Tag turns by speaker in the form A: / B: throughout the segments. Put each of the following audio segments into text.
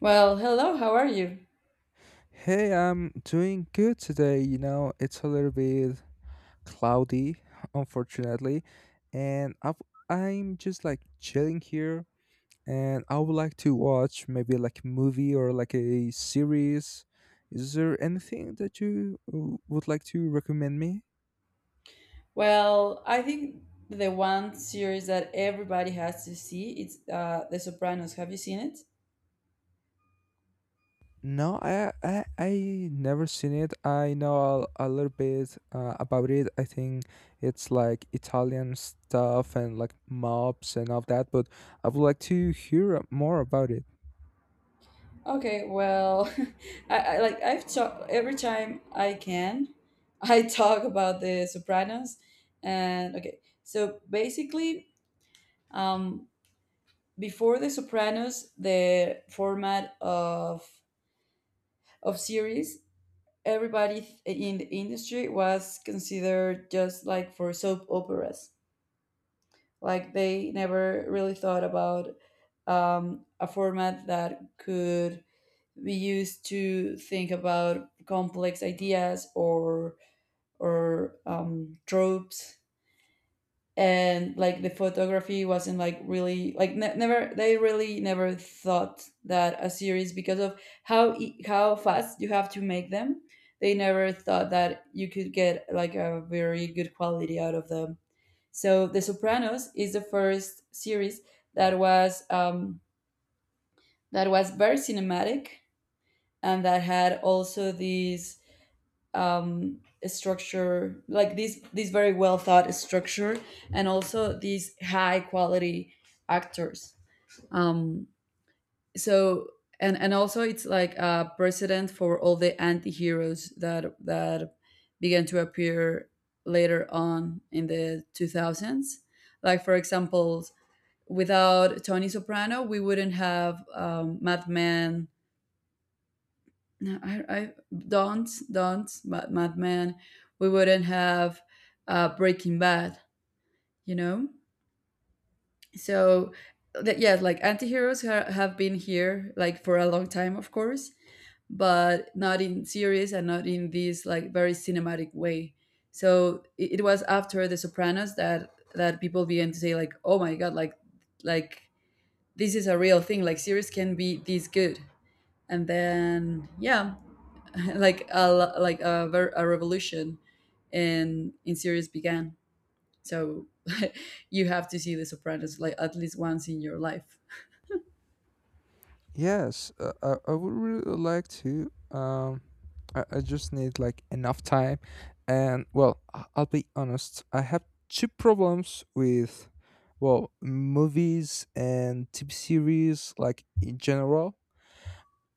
A: Well, hello, how are you?
B: Hey, I'm doing good today. You know, it's a little bit cloudy, unfortunately, and I'm just like chilling here. And I would like to watch maybe like a movie or like a series. Is there anything that you would like to recommend me?
A: Well, I think the one series that everybody has to see it's The Sopranos. Have you seen it?
B: No, I never seen it. I know a little bit about it. I think it's like Italian stuff and like mobs and all that. But I would like to hear more about it.
A: Okay, well, I like I've talk every time I can, I talk about The Sopranos, and okay, so basically, um, before The Sopranos, the format of series, everybody in the industry was considered just like for soap operas. Like they never really thought about a format that could be used to think about complex ideas or tropes. And like the photography wasn't like really like never, they really never thought that a series, because of how how fast you have to make them. They never thought that you could get like a very good quality out of them, so The Sopranos is the first series that was um, that was very cinematic and that had also these um, structure, like this very well thought structure, and also these high quality actors. Um, so and also, it's like a precedent for all the anti-heroes that began to appear later on in the 2000s, like for example without Tony Soprano, we wouldn't have Mad Men. No, I don't Mad Men. We wouldn't have Breaking Bad. You know, so that, yeah, like antiheroes have been here like for a long time, of course, but not in series and not in this like very cinematic way. So it was after The Sopranos that people began to say like, oh my god, like like this is a real thing, like series can be this good. And then, yeah, like a lo- like a, ver- a revolution in series began, so you have to see The Sopranos like at least once in your life.
B: Yes, I would really like to. I just need like enough time, and well, I'll be honest. I have two problems with well movies and TV series like in general.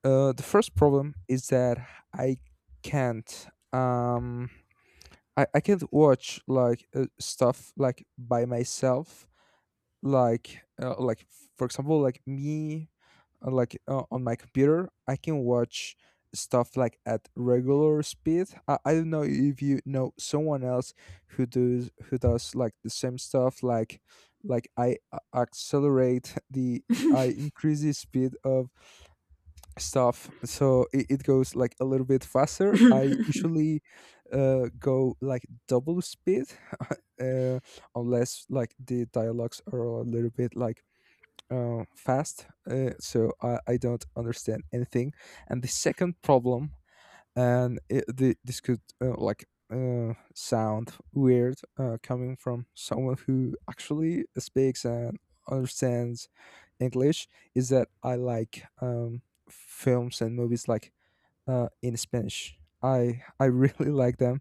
B: The first problem is that I can't. I can't watch like stuff like by myself like for example like me, like on my computer I can watch stuff like at regular speed. I don't know if you know someone else who does like the same stuff, like accelerate the I increase the speed of stuff so it goes like a little bit faster. I usually go like double speed, uh unless like the dialogues are a little bit like fast, so I don't understand anything. And the second problem, and this could like sound weird coming from someone who actually speaks and understands English, is that I like films and movies like in Spanish. I really like them.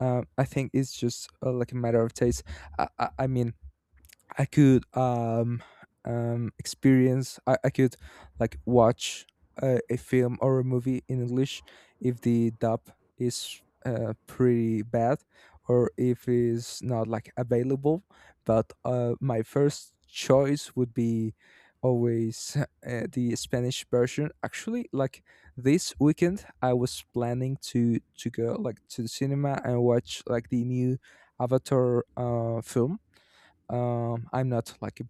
B: I think it's just like a matter of taste. I mean, I could experience. I could like watch a film or a movie in English if the dub is pretty bad or if it's not like available. But my first choice would be always, the Spanish version. Actually, like this weekend, I was planning to go like to the cinema and watch like the new Avatar film. I'm not like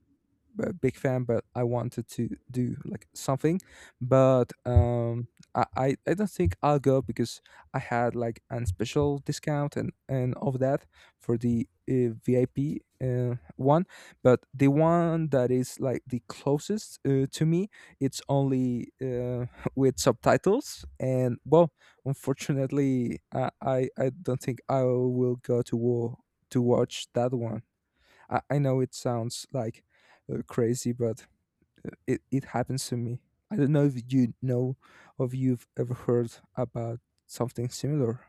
B: big fan, but I wanted to do like something. But I don't think I'll go because I had like an special discount and of that for the VIP one. But the one that is like the closest to me, it's only with subtitles. And well, unfortunately, I don't think I will go to war to watch that one. I know it sounds like crazy, but it happens to me. I don't know if you know, if you've ever heard about something similar.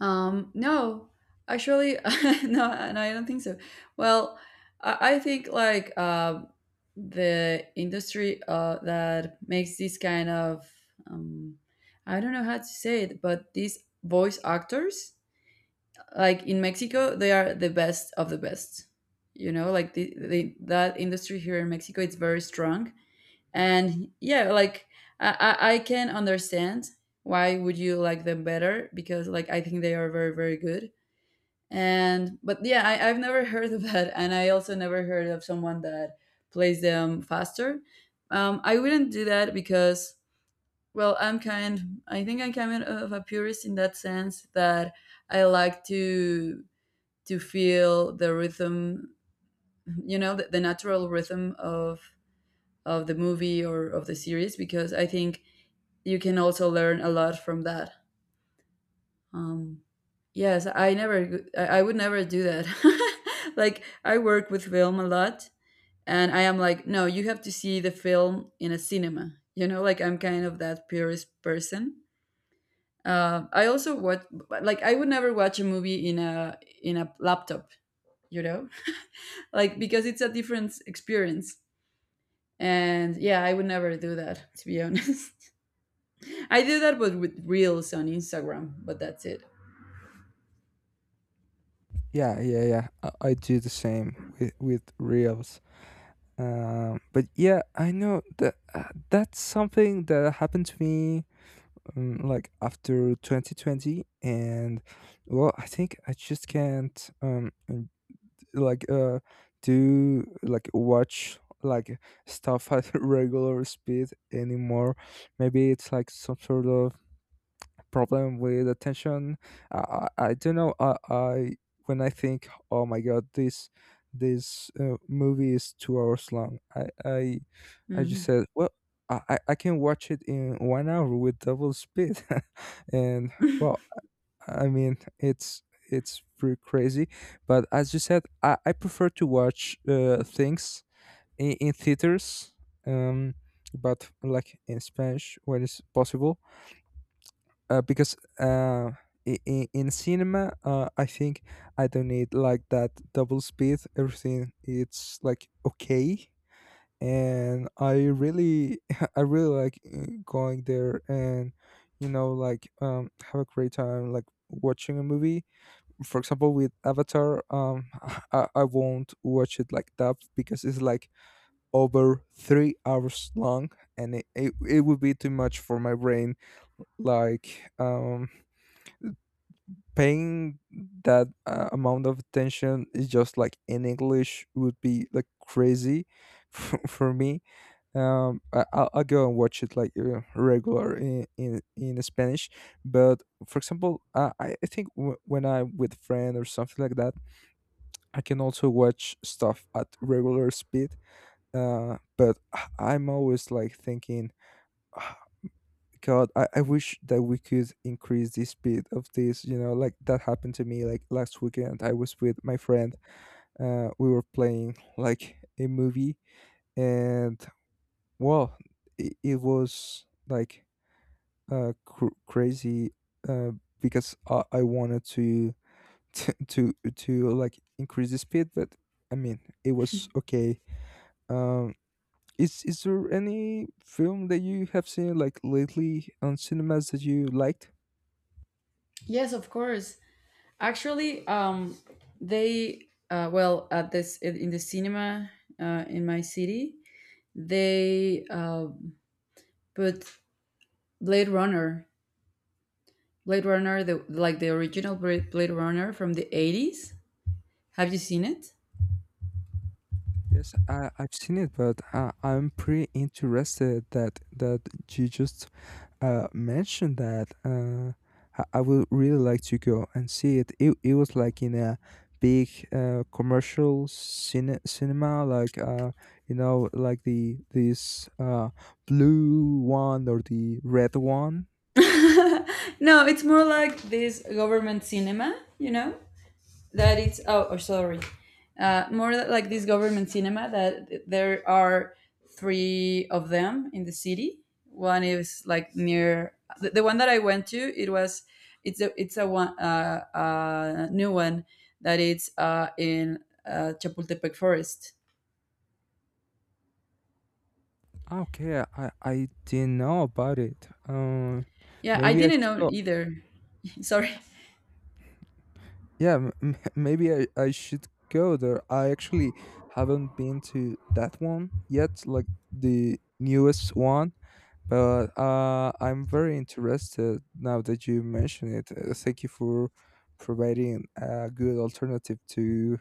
A: No. Actually, no, no, I don't think so. Well, I think like the industry that makes this kind of um, I don't know how to say it, but these voice actors, like in Mexico, they are the best of the best. You know, like the that industry here in Mexico, it's very strong. And yeah, like I can understand why would you like them better, because like I think they are very very good. And but yeah, I've never heard of that, and I also never heard of someone that plays them faster. I wouldn't do that because, well, I'm kind. I think I'm kind of a purist in that sense that I like to feel the rhythm, you know, the natural rhythm of the movie or of the series, because I think you can also learn a lot from that. Um, I would never do that. Like I work with film a lot, and I am like, no, you have to see the film in a cinema. You know, like I'm kind of that purist person. I also watch, like I would never watch a movie in a laptop. You know, like because it's a different experience. And yeah, I would never do that, to be honest. I do that but with reels on Instagram, but that's it.
B: Yeah, yeah, yeah. I do the same with reels. But yeah, I know that that's something that happened to me like after 2020. And well, I think I just can't like to like watch like stuff at regular speed anymore. Maybe it's like some sort of problem with attention. I don't know. I when I think, oh my god, this movie is 2 hours long, I just
A: Mm.
B: said, well, I can watch it in 1 hour with double speed. And well, I mean, it's pretty crazy. But as you said, I prefer to watch things in theaters, um, but like in Spanish when it's possible, because in cinema, I think I don't need like that double speed. Everything it's like okay. And I really, I really like going there. And, you know, like have a great time, like watching a movie. For example, with Avatar, I won't watch it like that because it's like over 3 hours long, and it would be too much for my brain, like paying that amount of attention. Is just like in English would be like crazy for me. I'll go and watch it like regular in Spanish. But for example, I think when I'm with friend or something like that, I can also watch stuff at regular speed. But I'm always like thinking, "Ah, God, I wish that we could increase the speed of this." You know, like that happened to me like last weekend. I was with my friend. We were playing like a movie, and well, it was like crazy. Uh, because I wanted to, to like increase the speed, but I mean it was okay. Um, is there any film that you have seen like lately on cinemas that you liked?
A: Yes, of course. Actually, they, well, at this, in the cinema in my city, they put Blade Runner, the original Blade Runner from the 80s. Have you seen it?
B: Yes, I, I've seen it, but I'm pretty interested that you just mentioned that. I would really like to go and see it. It was like in a big commercial cinema, like you know, like the this blue one or the red one.
A: No, it's more like this government cinema, you know, that it's, oh sorry, more like this government cinema that there are three of them in the city. One is like near the one that I went to. It was, it's a one new one that it's in Chapultepec Forest.
B: Ah, okay, I didn't know about it.
A: Yeah, I
B: Maybe I
A: didn't
B: should
A: know
B: go.
A: either. Sorry.
B: Yeah, maybe I should go there. I actually haven't been to that one yet, like the newest one, but I'm very interested now that you mention it. Thank you for providing a good alternative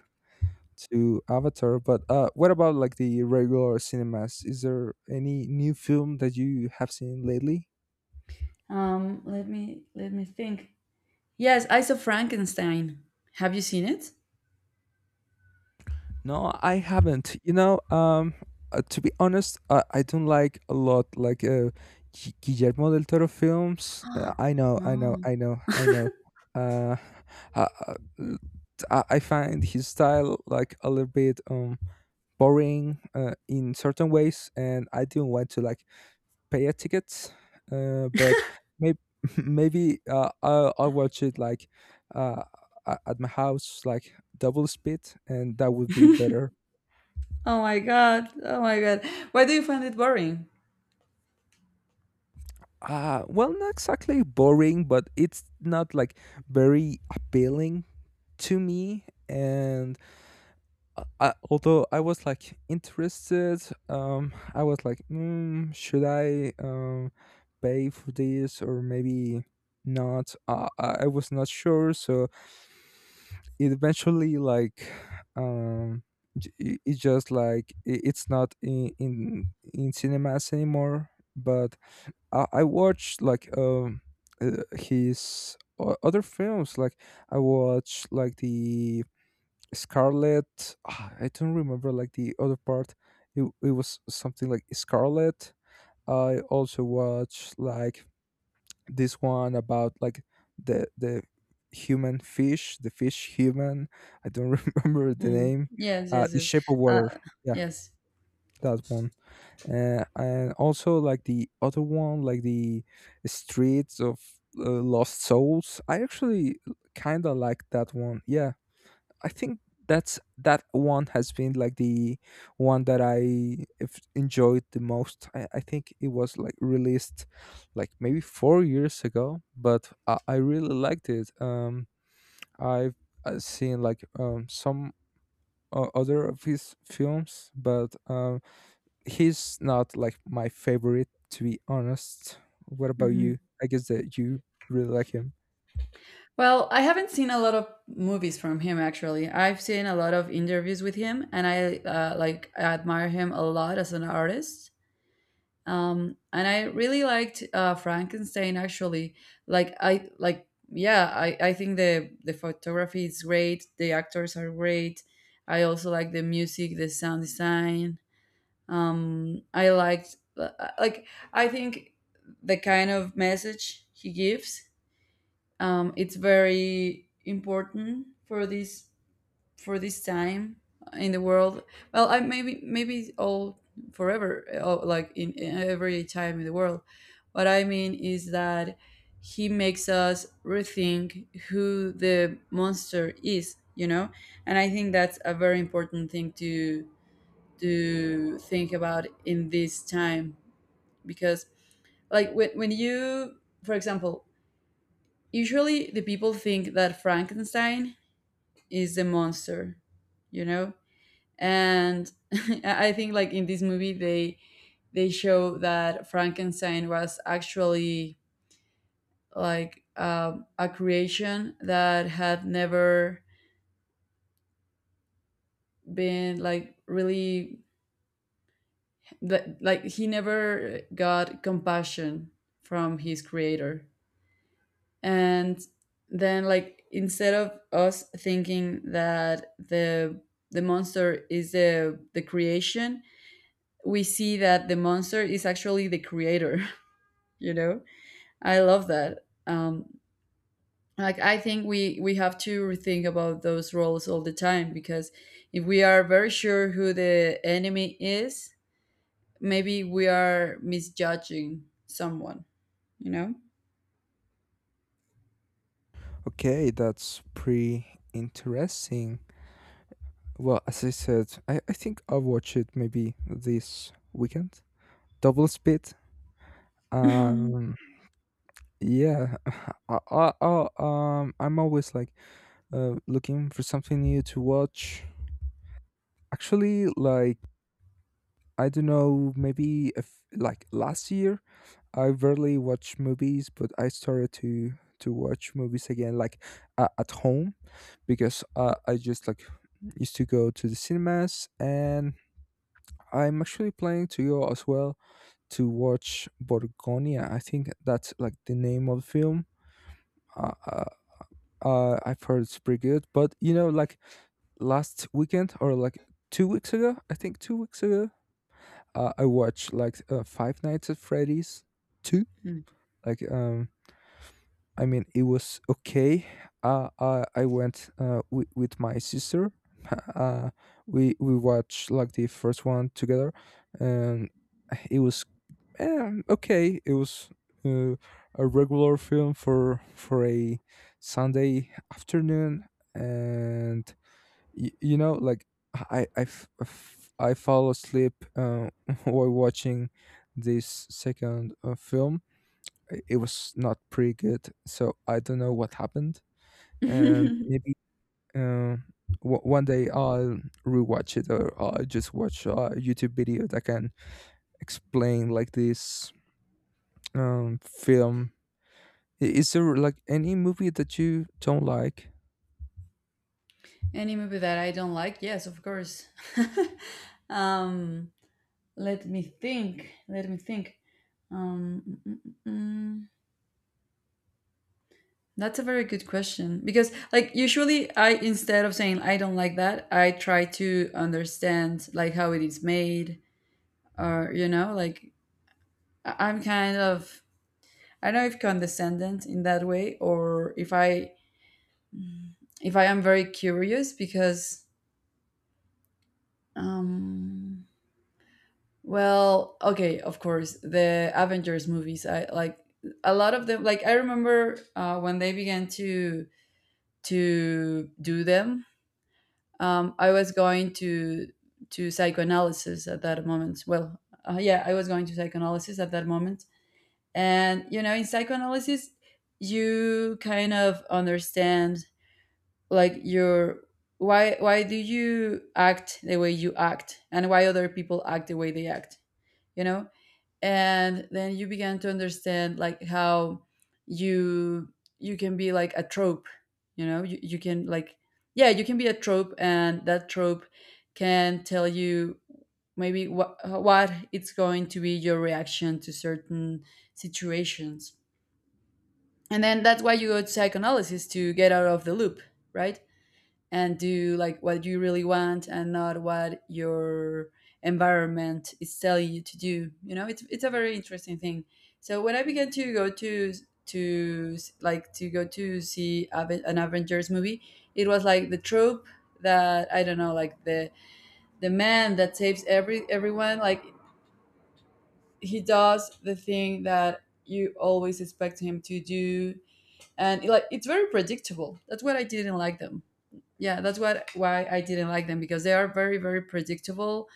B: to Avatar. But what about like the regular cinemas? Is there any new film that you have seen lately?
A: Let me think. Yes, I saw Frankenstein. Have you seen it?
B: No, I haven't. You know, to be honest, I don't like a lot like Guillermo del Toro films. I know, I know,
A: No.
B: I know, I know. Uh, uh, uh, t- I find his style like a little bit boring in certain ways, and I didn't want to like pay a ticket. But maybe maybe I'll watch it like uh at my house like double speed, and that would be better.
A: Oh my god. Oh my god. Why do you find it boring?
B: Well, not exactly boring, but it's not like very appealing to me. And although I was like interested, I was like, mm, should I pay for this or maybe not. I was not sure, so it eventually like um it's just like it's not in cinemas anymore. But I watched like his other films. Like I watched like the Scarlet. Ah, I don't remember like the other part. It was something like Scarlet. I also watched like this one about like the human fish, the fish human. I don't remember the
A: Mm.
B: name.
A: Yes, yes,
B: The
A: yes.
B: Shape of
A: Uh,
B: Water. Yeah,
A: yes.
B: that one. And also like the other one like the streets of lost souls. I actually kind of like that one. Yeah, I think that's that one has been like the one that I have enjoyed the most. I think it was like released like maybe 4 years ago, but I really liked it. I've seen like some other of his films, but he's not like my favorite, to be honest. What about
A: Hmm.
B: you? I guess that you really like him.
A: Well, I haven't seen a lot of movies from him actually. I've seen a lot of interviews with him, and I like admire him a lot as an artist. And I really liked Frankenstein, actually. Like I like, yeah, I think the photography is great. The actors are great. I also like the music, the sound design. I liked like I think the kind of message he gives, it's very important for this time in the world. Well, I, maybe all forever, like in every time in the world. What I mean is that he makes us rethink who the monster is, you know. And I think that's a very important thing to think about in this time, because like when you, for example, usually the people think that Frankenstein is the monster, you know. And I think like in this movie, they show that Frankenstein was actually like a creation that had never been, like, really, that like he never got compassion from his creator. And then, like, instead of us thinking that the monster is the creation, we see that the monster is actually the creator. You know, I love that. Like I think we have to rethink about those roles all the time, because if we are very sure who the enemy is, maybe we are misjudging someone, you know.
B: Okay, that's pretty interesting. Well, as I said, I think I'll watch it maybe this weekend. Double speed. Um, yeah, I'm always like looking for something new to watch. Actually, like I don't know, maybe if, like last year I rarely watch movies, but I started to watch movies again, like at home, because I just like used to go to the cinemas. And I'm actually planning to go as well to watch Borgonia. I think that's like the name of the film. Uh, uh, I've heard it's pretty good, but you know, like last weekend or like 2 weeks ago, I think 2 weeks ago, I watched like Five Nights at Freddy's two,
A: Mm.
B: like I mean, it was okay. I went wi with my sister. Uh, we watched like the first one together, and it was okay. It was uh, a regular film for a Sunday afternoon. And you know, like I fall asleep while watching this second film. I- it was not pretty good. So I don't know what happened, and maybe uh, one day I'll rewatch it, or I'll just watch a YouTube video that can explain like this film. Is there like any movie that you don't like?
A: Any movie that I don't like? Yes, of course. um, Let me think. Let me think. Mm, mm, mm. Mm. That's a very good question because, like, usually I, instead of saying I don't like that, I try to understand like how it is made, or you know, like I'm kind of, I don't know, if condescendent in that way, or if I, am very curious, because um well, okay, of course, the Avengers movies. I like a lot of them. Like I remember when they began to do them. I was going to psychoanalysis at that moment. Well, yeah, I was going to psychoanalysis at that moment, and you know, in psychoanalysis, you kind of understand like your, why do you act the way you act, and why other people act the way they act, you know. And then you began to understand like how you you can be like a trope, you know. You can like, yeah, you can be a trope, and that trope can tell you maybe what it's going to be your reaction to certain situations. And then that's why you go to psychoanalysis to get out of the loop, right, and do like what you really want and not what your environment is telling you to do. You know, it's a very interesting thing. So when I began to go to go to see an Avengers movie, it was like the trope that, I don't know, like the man that saves everyone, like he does the thing that you always expect him to do, and like it's very predictable. That's what I didn't like them. Yeah, that's what, why I didn't like them, because they are very very predictable,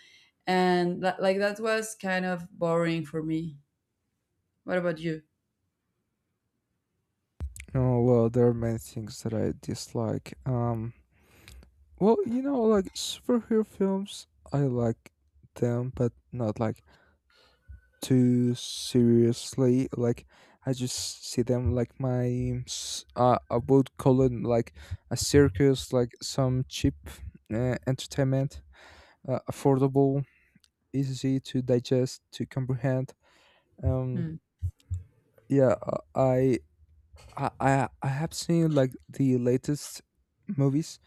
A: and that, like that was kind of boring for me. What about you?
B: Oh well, there are many things that I dislike. Well, you know, like superhero films, I like them, but not like too seriously. Like I just see them like I would call it like a circus, like some cheap entertainment, affordable, easy to digest, to comprehend. Um,
A: Hmm.
B: yeah, I have seen like the latest movies,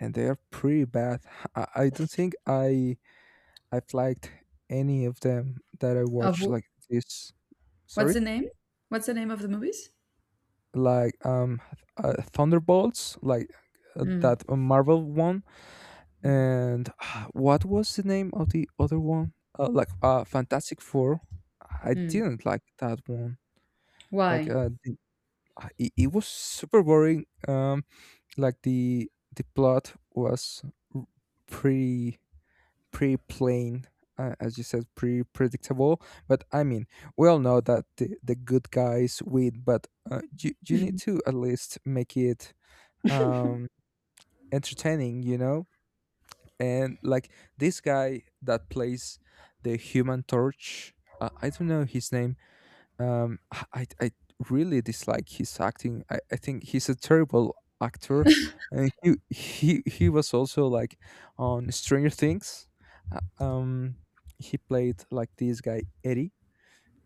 B: and they are pretty bad. I don't think I've liked any of them that I
A: of
B: watched
A: wh-
B: like this.
A: what's
B: Sorry.
A: the name of the movies?
B: Like Thunderbolts, like
A: Hmm.
B: that Marvel one, and what was the name of the other one? Like Fantastic Four. I
A: Hmm.
B: didn't like that one. Like
A: Why?
B: it was super boring. Like the plot was r- pretty pretty plain. As you said, pretty predictable. But I mean, we all know that the good guys win, but you need to at least make it um entertaining, you know, and like this guy that plays the human torch. I don't know his name. um i i I really dislike his acting. I think he's a terrible actor, and he was also like on Stranger Things. Uh, um he played like this guy Eddie,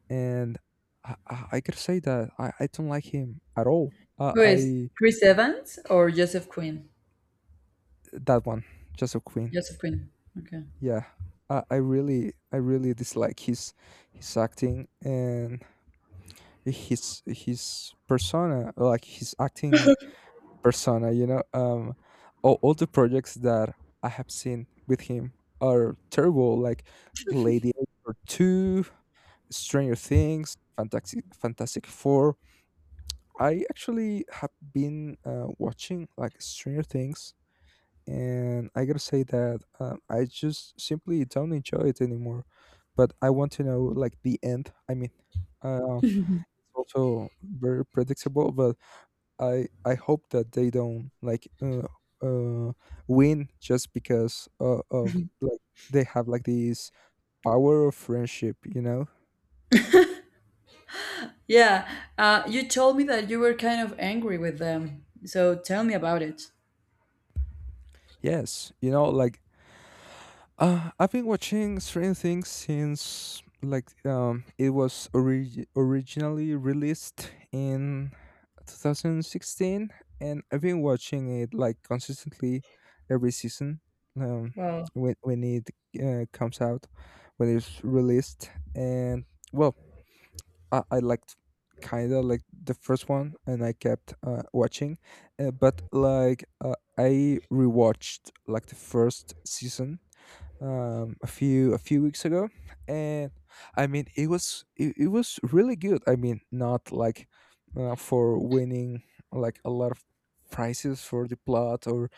B: and I gotta say that I don't like him at all.
A: Who is
B: I
A: Chris Evans or Joseph Quinn?
B: That one, just a Queen.
A: Joseph Quinn. Okay.
B: Yeah, I really dislike his acting and his persona, like his acting persona. You know, all the projects that I have seen with him are terrible. Like Lady or Two, Stranger Things, Fantastic Four. I actually have been watching like Stranger Things, and I gotta say that I just simply don't enjoy it anymore. But I want to know like the end. I mean, um, it's also very predictable, but I hope that they don't like uh, win just because of like they have like this power of friendship, you know?
A: Yeah, you told me that you were kind of angry with them, so tell me about it.
B: Yes, you know, like I've been watching Stranger Things since like it was originally released in 2016, and I've been watching it like consistently every season. um
A: Well.
B: when it comes out, when it's released. And well, I liked kind of like the first one, and I kept watching. But like I rewatched like the first season a few weeks ago. And I mean it was really good. I mean, not like for winning like a lot of prizes for the plot, or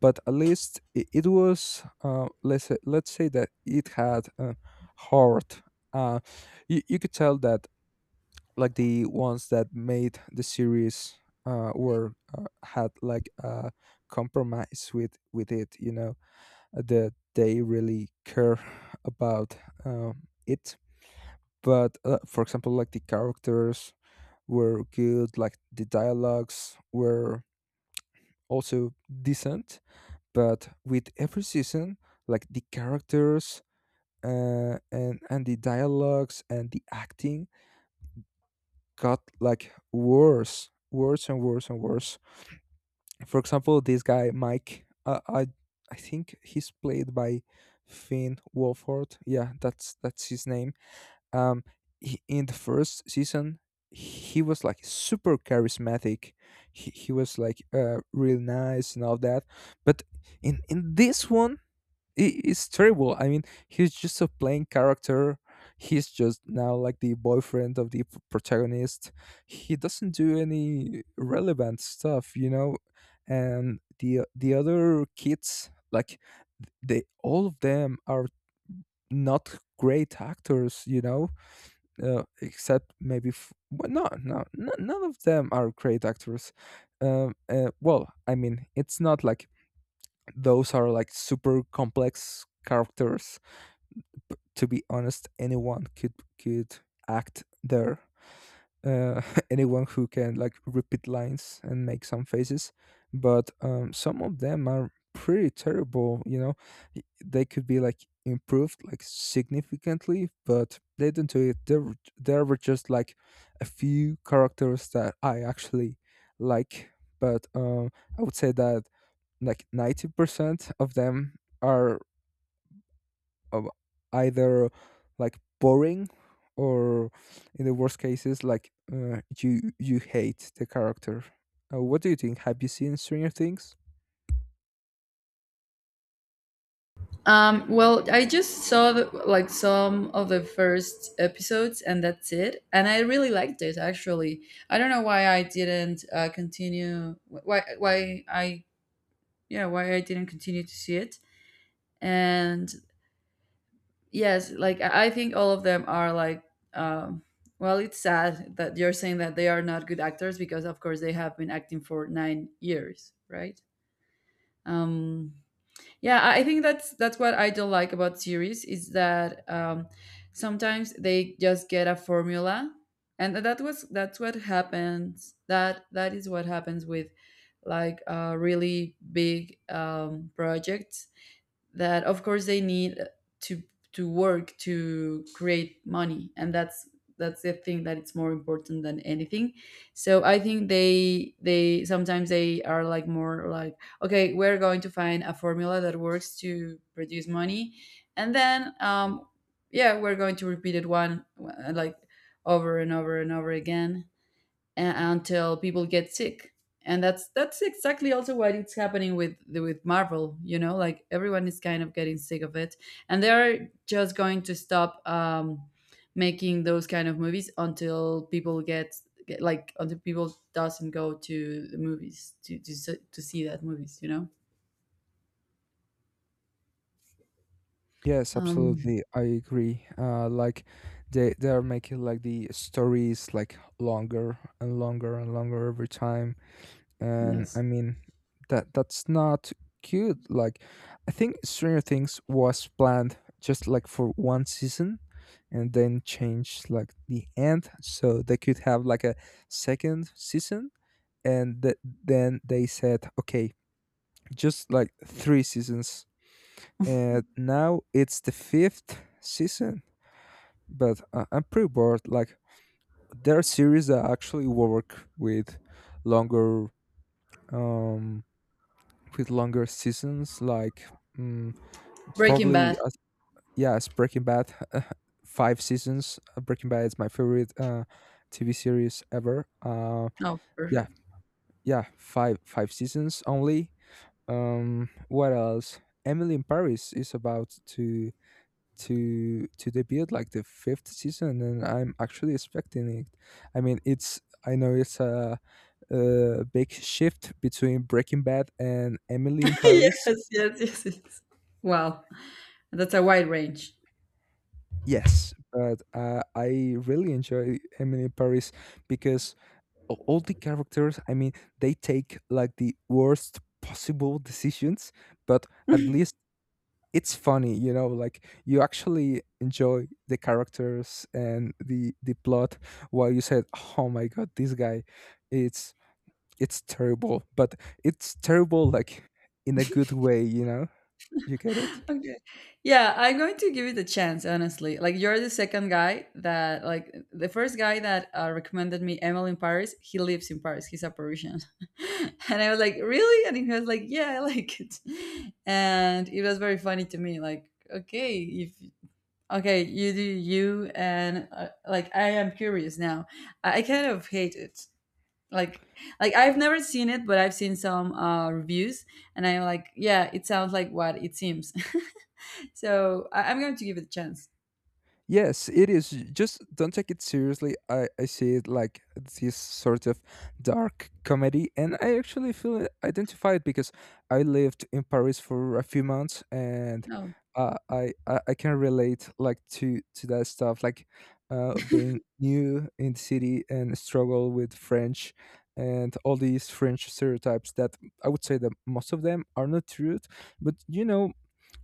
B: but at least it was, let's say that it had a heart. uh you could tell that like the ones that made the series were had like a compromise with it, you know, that they really care about it. But for example, like the characters were good, like the dialogues were also decent. But with every season, like the characters and the dialogues and the acting got like worse, worse and worse and worse. For example, this guy Mike, I think he's played by Finn Wolford. Yeah, that's his name. um he, in the first season, he was like super charismatic. He was like real nice and all that. But in this one, it's terrible. I mean, he's just a plain character. He's just now like the boyfriend of the protagonist. He doesn't do any relevant stuff, you know, and the other kids, like, they, all of them, are not great actors, you know. Except maybe well, no, none of them are great actors. Well, I mean, it's not like those are like super complex characters. But to be honest, anyone could could act there, uh, anyone who can like repeat lines and make some faces. But some of them are pretty terrible, you know. They could be like improved like significantly, but they didn't do it. There were just like a few characters that I actually like. But I would say that like 90% of them are uh, either like boring, or in the worst cases, like, you, you hate the character. What do you think? Have you seen Stranger Things?
A: Well, I just saw the, like some of the first episodes, and that's it. And I really liked it actually. I don't know why I didn't continue. Why I didn't continue to see it. And yes, like I think all of them are like. Um, well, it's sad that you're saying that they are not good actors, because, of course, they have been acting for 9 years, right? Um, yeah, I think that's what I don't like about series, is that, sometimes they just get a formula, and that's what happens. That is what happens with, like, really big projects, that of course they need to work to create money, and that's, the thing that it's more important than anything. So I think they sometimes, they are like more like, okay, we're going to find a formula that works to produce money, and then yeah, we're going to repeat it, one like over and over and over again, until people get sick. And that's, exactly also what it's happening with Marvel, you know, like everyone is kind of getting sick of it, and they're just going to stop making those kind of movies until people get like until people doesn't go to the movies to to see that movies, you know.
B: Yes,
A: um
B: absolutely, I agree. Like, they are making like the stories like longer and longer and longer every time, and I
A: yes.
B: mean, that, that's not cute. Like, I think Stranger Things was planned just like for one season, and then changed like the end, so they could have like a second season, and then they said, okay, just like three seasons, and now it's the fifth season. But I- I'm pretty bored. Like, there are series that actually work longer um with longer seasons, like mm,
A: Breaking
B: probably
A: Bad.
B: as, yeah, as Breaking Bad, five seasons. Breaking Bad is my favorite TV series ever.
A: Oh,
B: Yeah,
A: perfect.
B: yeah, five seasons only. What else? Emily in Paris is about to to debut like the fifth season, and I'm actually expecting it. I mean, it's I know it's a big shift between Breaking Bad and Emily in Paris.
A: Yes, yes, yes, yes. Wow, that's a wide range.
B: Yes, but I really enjoy Emily in Paris because all the characters, I mean, they take like the worst possible decisions, but at least it's funny, you know, like you actually enjoy the characters and the plot, while you said, "Oh my god, this guy, it's it's terrible." But it's terrible like in a good way, you know? You get it?
A: Okay. Yeah, I'm going to give it a chance, honestly. Like you're the second guy that, like the first guy that recommended me Emily in Paris, he lives in Paris. He's a Parisian. And I was like, "Really?" And he was like, "Yeah, I like it." And it was very funny to me like, "Okay, if okay, you do you, and like I am curious now." I kind of hate it. Like like I've never seen it, but I've seen some reviews, and I'm like, "Yeah, it sounds like what it seems." So I'm going to give it a chance.
B: Yes, it is. Just don't take it seriously. I see it like this sort of dark comedy, and I actually feel identified because I lived in Paris for a few months, and
A: No.
B: I can relate like to that stuff, like being new in the city and struggle with French, and all these French stereotypes that I would say that most of them are not true, but you know.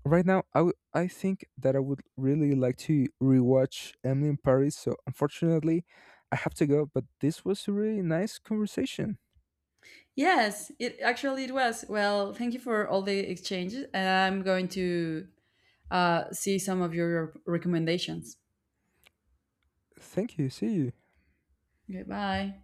B: Right now, I think that I would really like to rewatch Emily in Paris. So unfortunately, I have to go. But this was a really nice conversation.
A: Yes, it actually it was. Well, thank you for all the exchanges, and I'm going to see some of your recommendations.
B: Thank you. See you.
A: Okay, bye.